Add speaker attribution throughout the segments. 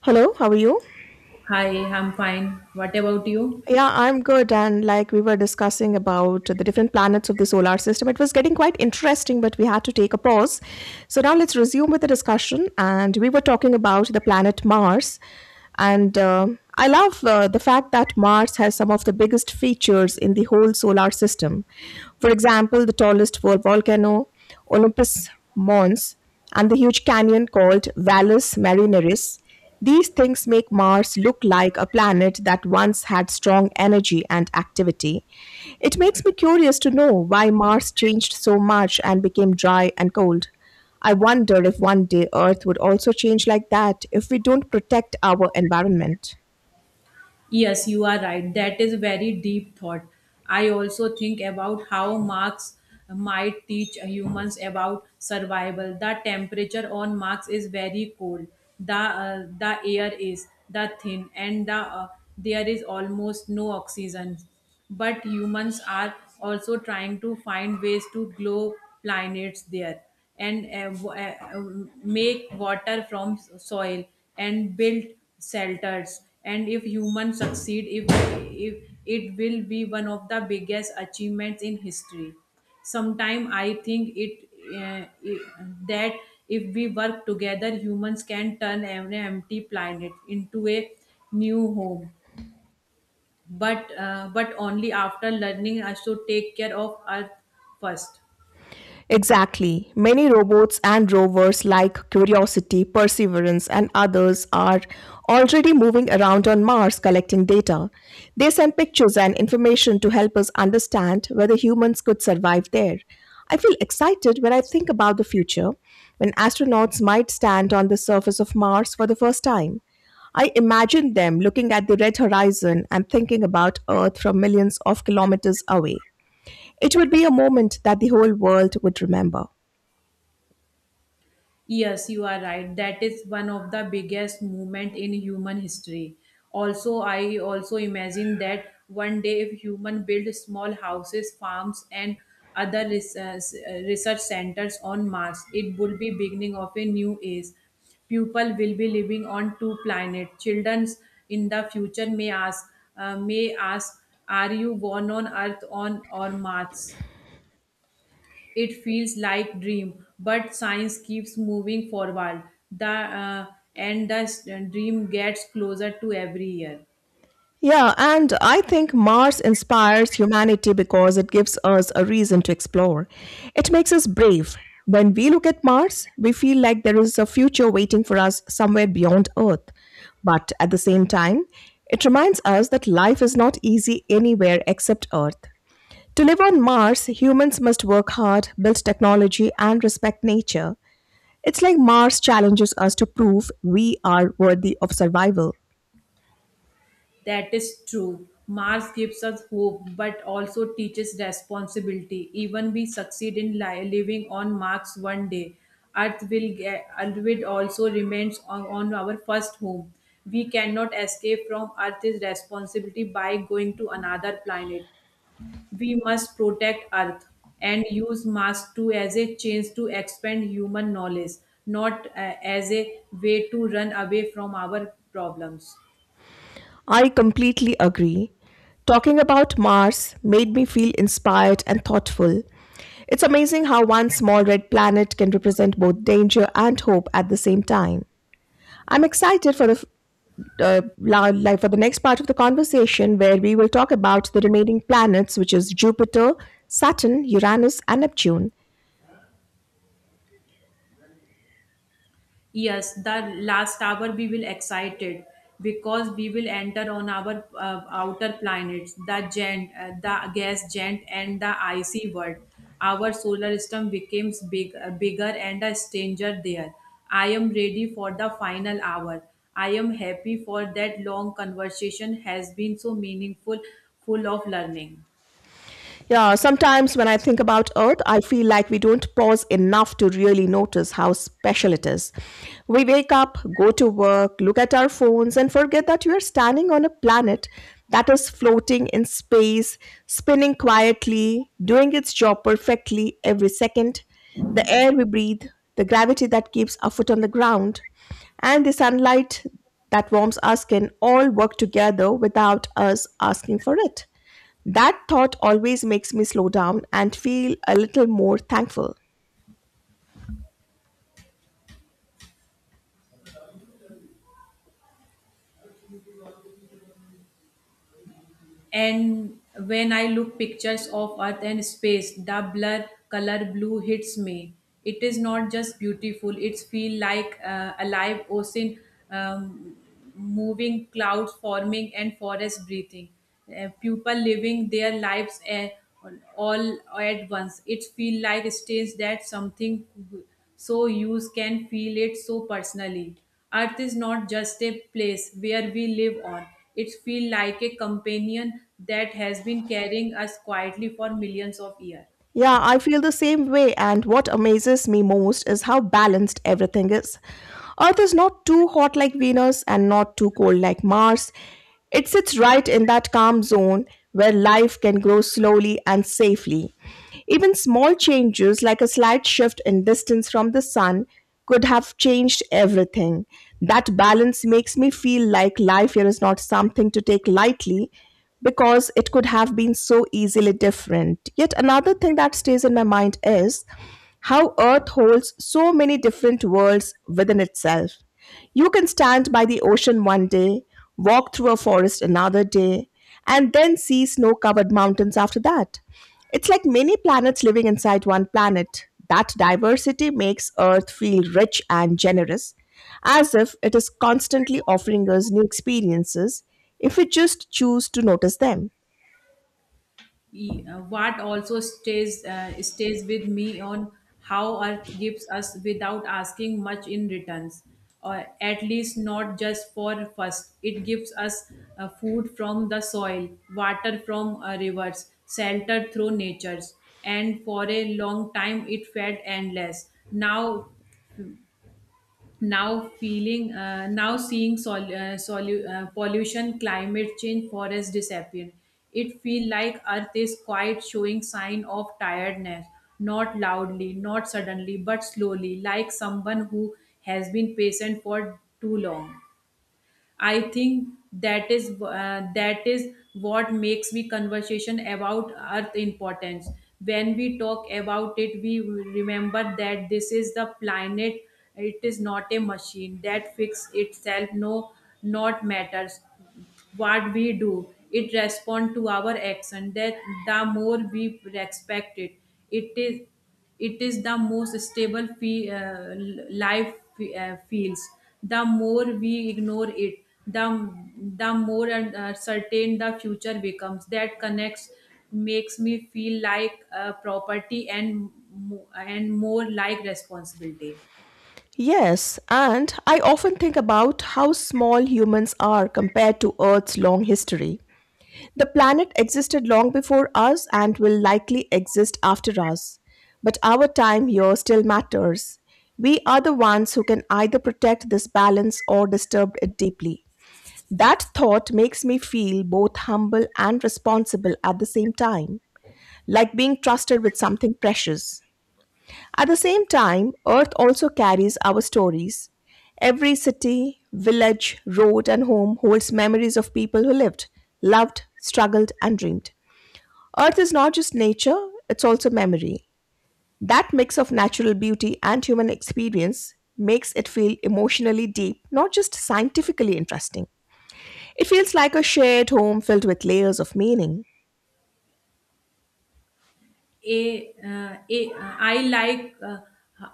Speaker 1: Hello, how are you?
Speaker 2: Hi, I'm fine. What about you?
Speaker 1: Yeah, I'm good. And like we were discussing about the different planets of the solar system, it was getting quite interesting, but we had to take a pause. So now let's resume with the discussion. And we were talking about the planet Mars. And I love the fact that Mars has some of the biggest features in the whole solar system. For example, the tallest volcano, Olympus Mons, and the huge canyon called Valles Marineris, these things make Mars look like a planet that once had strong energy and activity. It makes me curious to know why Mars changed so much and became dry and cold. I wonder if one day Earth would also change like that if we don't protect our environment.
Speaker 2: Yes, you are right. That is a very deep thought. I also think about how Marx might teach humans about survival. The temperature on Mars is very cold. The air is the thin and uh, there is almost no oxygen. But humans are also trying to find ways to grow planets there. Make water from soil and build shelters. And if humans succeed, if, it will be one of the biggest achievements in history. Sometime I think it, it that if we work together, humans can turn an empty planet into a new home. But only after learning us to take care of earth first.
Speaker 1: Exactly. Many robots and rovers like Curiosity, Perseverance, and others are already moving around on Mars collecting data. They send pictures and information to help us understand whether humans could survive there. I feel excited when I think about the future, when astronauts might stand on the surface of Mars for the first time. I imagine them looking at the red horizon and thinking about Earth from millions of kilometers away. It would be a moment that the whole world would remember.
Speaker 2: Yes, you are right. That is one of the biggest movement in human history. Also, I also imagine that one day if human build small houses, farms and other research centers on Mars, it would be beginning of a new age. People will be living on two planets. Children in the future may ask, are you born on Earth on or Mars? It feels like dream, but science keeps moving forward. The uh, the dream gets closer to every year.
Speaker 1: Yeah, and I think Mars inspires humanity because it gives us a reason to explore. It makes us brave. When we look at Mars, we feel like there is a future waiting for us somewhere beyond Earth. But at the same time, it reminds us that life is not easy anywhere except Earth. To live on Mars, humans must work hard, build technology, and respect nature. It's like Mars challenges us to prove we are worthy of survival.
Speaker 2: That is true. Mars gives us hope, but also teaches responsibility. Even we succeed in living on Mars one day, Earth will also remains on our first home. We cannot escape from Earth's responsibility by going to another planet. We must protect Earth and use mass too as a chance to expand human knowledge, not as a way to run away from our problems.
Speaker 1: I completely agree. Talking about Mars made me feel inspired and thoughtful. It's amazing how one small red planet can represent both danger and hope at the same time. I'm excited for the for the next part of the conversation where we will talk about the remaining planets which is Jupiter, Saturn, Uranus and Neptune.
Speaker 2: Yes, the last hour we will excited because we will enter on our outer planets, the giant, the gas giant, and the icy world. Our solar system becomes bigger and a stranger there. I am ready for the final hour. I am happy for that long conversation has been so meaningful, full of learning.
Speaker 1: Yeah, sometimes when I think about Earth, I feel like we don't pause enough to really notice how special it is. We wake up, go to work, look at our phones, and forget that we are standing on a planet that is floating in space, spinning quietly, doing its job perfectly every second. The air we breathe, the gravity that keeps our foot on the ground, and the sunlight that warms our skin all work together without us asking for it. That thought always makes me slow down and feel a little more thankful.
Speaker 2: And when I look pictures of Earth and space, the blur color blue hits me. It is not just beautiful; it's feel like a live ocean, um, moving clouds forming and forest breathing. People living their lives all at once. It feel like states that something so you can feel it so personally. Earth is not just a place where we live on. It feels like a companion that has been carrying us quietly for millions of years.
Speaker 1: Yeah, I feel the same way, and what amazes me most is how balanced everything is. Earth is not too hot like Venus and not too cold like Mars. It sits right in that calm zone where life can grow slowly and safely. Even small changes, like a slight shift in distance from the sun, could have changed everything. That balance makes me feel like life here is not something to take lightly, because it could have been so easily different. Yet another thing that stays in my mind is how Earth holds so many different worlds within itself. You can stand by the ocean one day, walk through a forest another day, and then see snow covered mountains after that. It's like many planets living inside one planet. That diversity makes Earth feel rich and generous, as if it is constantly offering us new experiences if we just choose to notice them.
Speaker 2: What also stays with me on how Earth gives us without asking much in returns, or at least not just for first. It gives us food from the soil, water from rivers, shelter through natures, and for a long time it felt endless. Now seeing pollution, climate change, forest disappear. It feel like earth is quite showing sign of tiredness, not loudly, not suddenly, but slowly, like someone who has been patient for too long. I think that is what makes the conversation about earth importance. When we talk about it, we remember that this is the planet. It is not a machine that fix itself. No, not matters what we do, it respond to our action. That the more we respect it, it is it is the most stable life feels. The more we ignore it, the the more certain the future becomes. That connects, makes me feel like a property and and more like responsibility.
Speaker 1: Yes, and I often think about how small humans are compared to Earth's long history. The planet existed long before us and will likely exist after us. But our time here still matters. We are the ones who can either protect this balance or disturb it deeply. That thought makes me feel both humble and responsible at the same time, like being trusted with something precious. At the same time, Earth also carries our stories. Every city, village, road, and home holds memories of people who lived, loved, struggled, and dreamed. Earth is not just nature, it's also memory. That mix of natural beauty and human experience makes it feel emotionally deep, not just scientifically interesting. It feels like a shared home filled with layers of meaning.
Speaker 2: A, a I like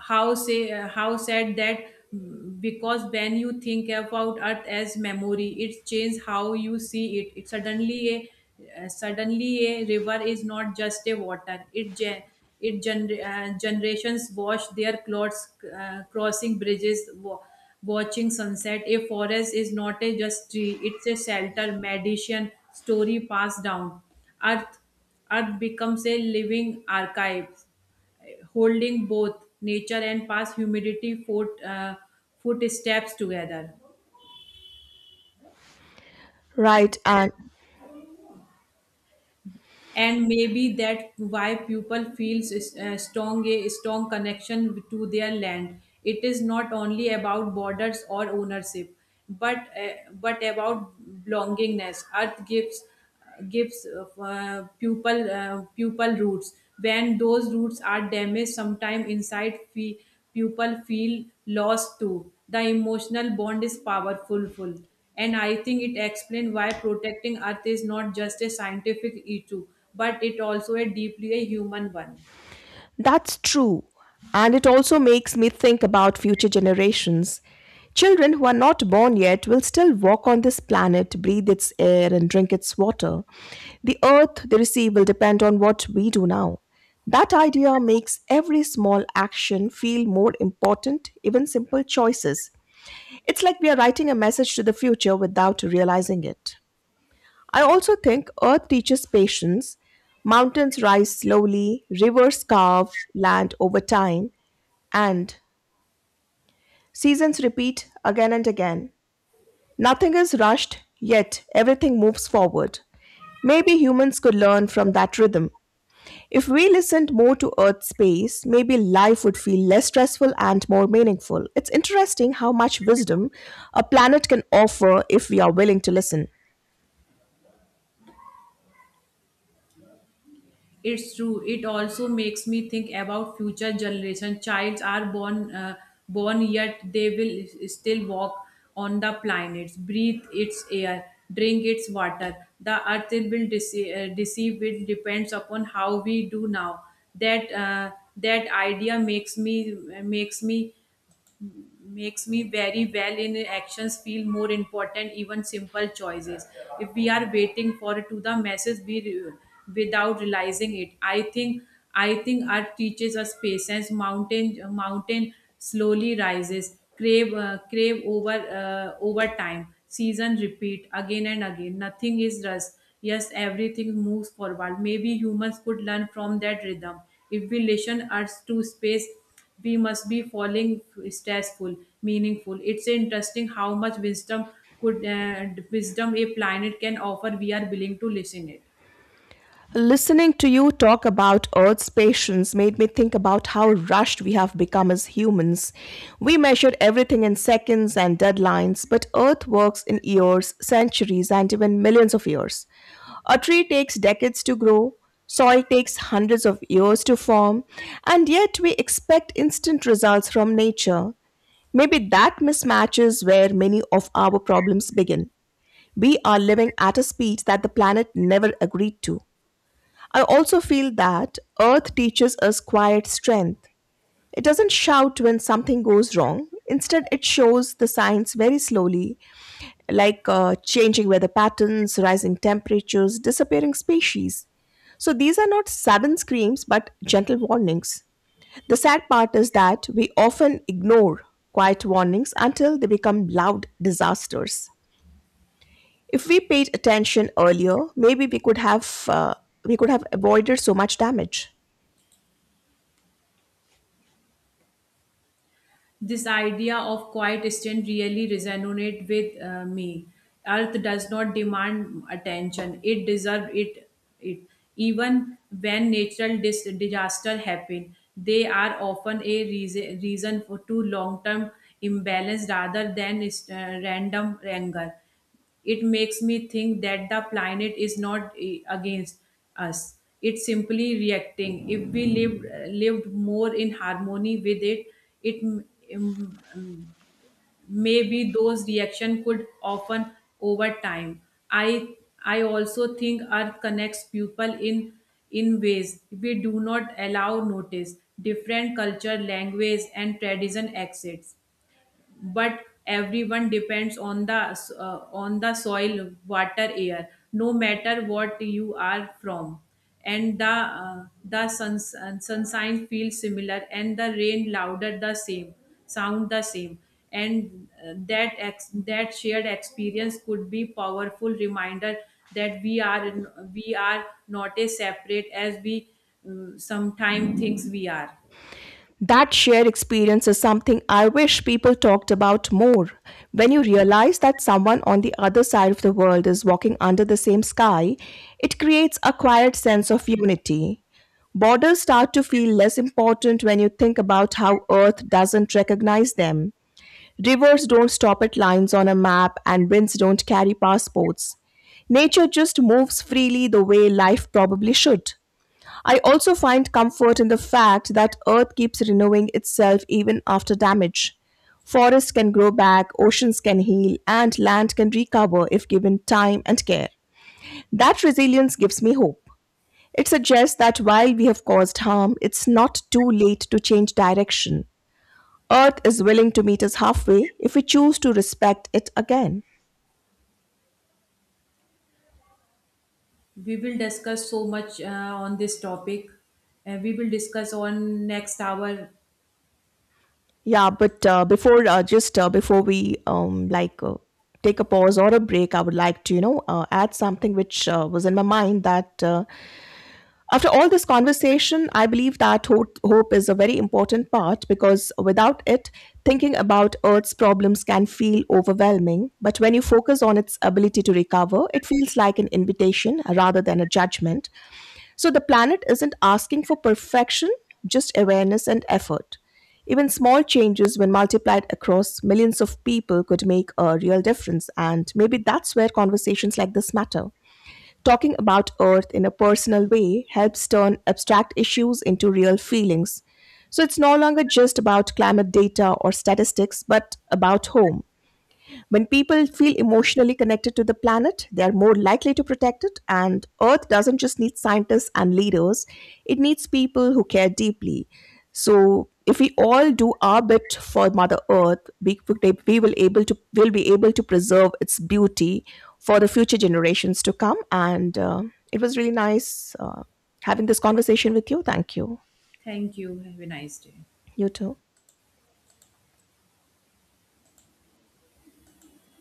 Speaker 2: how say How said that. Because when you think about earth as memory, it changes how you see it. It suddenly, a suddenly a river is not just a water. It gen- it gener- Generations wash their clothes, crossing bridges, watching sunset. A forest is not a just tree. It's a shelter, medicine, story passed down. earth Earth becomes a living archive, holding both nature and past humidity footsteps together.
Speaker 1: Right, and
Speaker 2: And maybe that why people feels strong connection to their land. It is not only about borders or ownership, but about belongingness. Earth gives pupil roots. When those roots are damaged, people feel lost too. The emotional bond is powerful, full. And I think it explains why protecting Earth is not just a scientific issue, but it also a deeply a human one.
Speaker 1: that's true. And it also makes me think about future generations. Children who are not born yet will still walk on this planet, breathe its air, and drink its water. The earth they receive will depend on what we do now. That idea makes every small action feel more important, even simple choices. It's like we are writing a message to the future without realizing it. I also think earth teaches patience. Mountains rise slowly, rivers carve land over time, and seasons repeat again and again. Nothing is rushed, yet everything moves forward. Maybe humans could learn from that rhythm. If we listened more to Earth's pace, maybe life would feel less stressful and more meaningful. It's interesting how much wisdom a planet can offer if we are willing to listen.
Speaker 2: It's true. It also makes me think about future generation. Childs are born yet. They will still walk on the planets, breathe its air, drink its water. The earth will deceive. It depends upon how we do now. That uh, that idea makes me makes me very well in actions feel more important, even simple choices. If we are waiting for to the message we without realizing it. I think art teaches us patience. Mountain slowly rises, crave over time. Season repeat again and again. Nothing is rust, yes, everything moves forward. Maybe humans could learn from that rhythm. If we listen us to space, we must be following stressful, meaningful. It's interesting how much wisdom could wisdom a planet can offer, we are willing to listen it.
Speaker 1: Listening to you talk about Earth's patience made me think about how rushed we have become as humans. We measure everything in seconds and deadlines, but Earth works in years, centuries, and even millions of years. A tree takes decades to grow, soil takes hundreds of years to form, and yet we expect instant results from nature. Maybe that mismatch is where many of our problems begin. We are living at a speed that the planet never agreed to. I also feel that Earth teaches us quiet strength. It doesn't shout when something goes wrong. Instead, it shows the signs very slowly, like changing weather patterns, rising temperatures, disappearing species. So, these are not sudden screams but gentle warnings. The sad part is that we often ignore quiet warnings until they become loud disasters. If we paid attention earlier, maybe we could have avoided so much damage.
Speaker 2: This idea of quiet strength really resonates with me. Earth does not demand attention, it deserves it. It even when natural disaster happen, they are often a reason for to long term imbalance rather than random anger. It makes me think that the planet is not against us. It's simply reacting. If we lived more in harmony with it, it m- m- m- maybe those reaction could often over time. I I also think Earth connects people in ways we do not allow notice. Different culture, language, and tradition exist, but everyone depends on the soil, water, air, no matter what you are from. And the sunshine feels similar, and the rain louder the same, sound the same. And that shared experience could be powerful reminder that we are not as separate as we sometimes thinks we are.
Speaker 1: That shared experience is something I wish people talked about more. When you realize that someone on the other side of the world is walking under the same sky, it creates a quiet sense of unity. Borders start to feel less important when you think about how Earth doesn't recognize them. Rivers don't stop at lines on a map, and winds don't carry passports. Nature just moves freely the way life probably should. I also find comfort in the fact that Earth keeps renewing itself even after damage. Forests can grow back, oceans can heal, and land can recover if given time and care. That resilience gives me hope. It suggests that while we have caused harm, it's not too late to change direction. Earth is willing to meet us halfway if we choose to respect it again.
Speaker 2: We will discuss so much on this topic. We will discuss on next hour.
Speaker 1: Yeah, but before just before we like take a pause or a break, I would like to add something which was in my mind that After all this conversation, I believe that hope is a very important part because without it, thinking about Earth's problems can feel overwhelming. But when you focus on its ability to recover, it feels like an invitation rather than a judgment. So the planet isn't asking for perfection, just awareness and effort. Even small changes, when multiplied across millions of people, could make a real difference. And maybe that's where conversations like this matter. Talking about Earth in a personal way helps turn abstract issues into real feelings. So it's no longer just about climate data or statistics, but about home when people feel emotionally connected to the planet, they are more likely to protect it. And Earth doesn't just need scientists and leaders, it needs people who care deeply. So, if we all do our bit for Mother Earth, we will able to will be able to preserve its beauty for the future generations to come. And it was really nice having this conversation with you. Thank you.
Speaker 2: Thank you. Have a nice day.
Speaker 1: You too.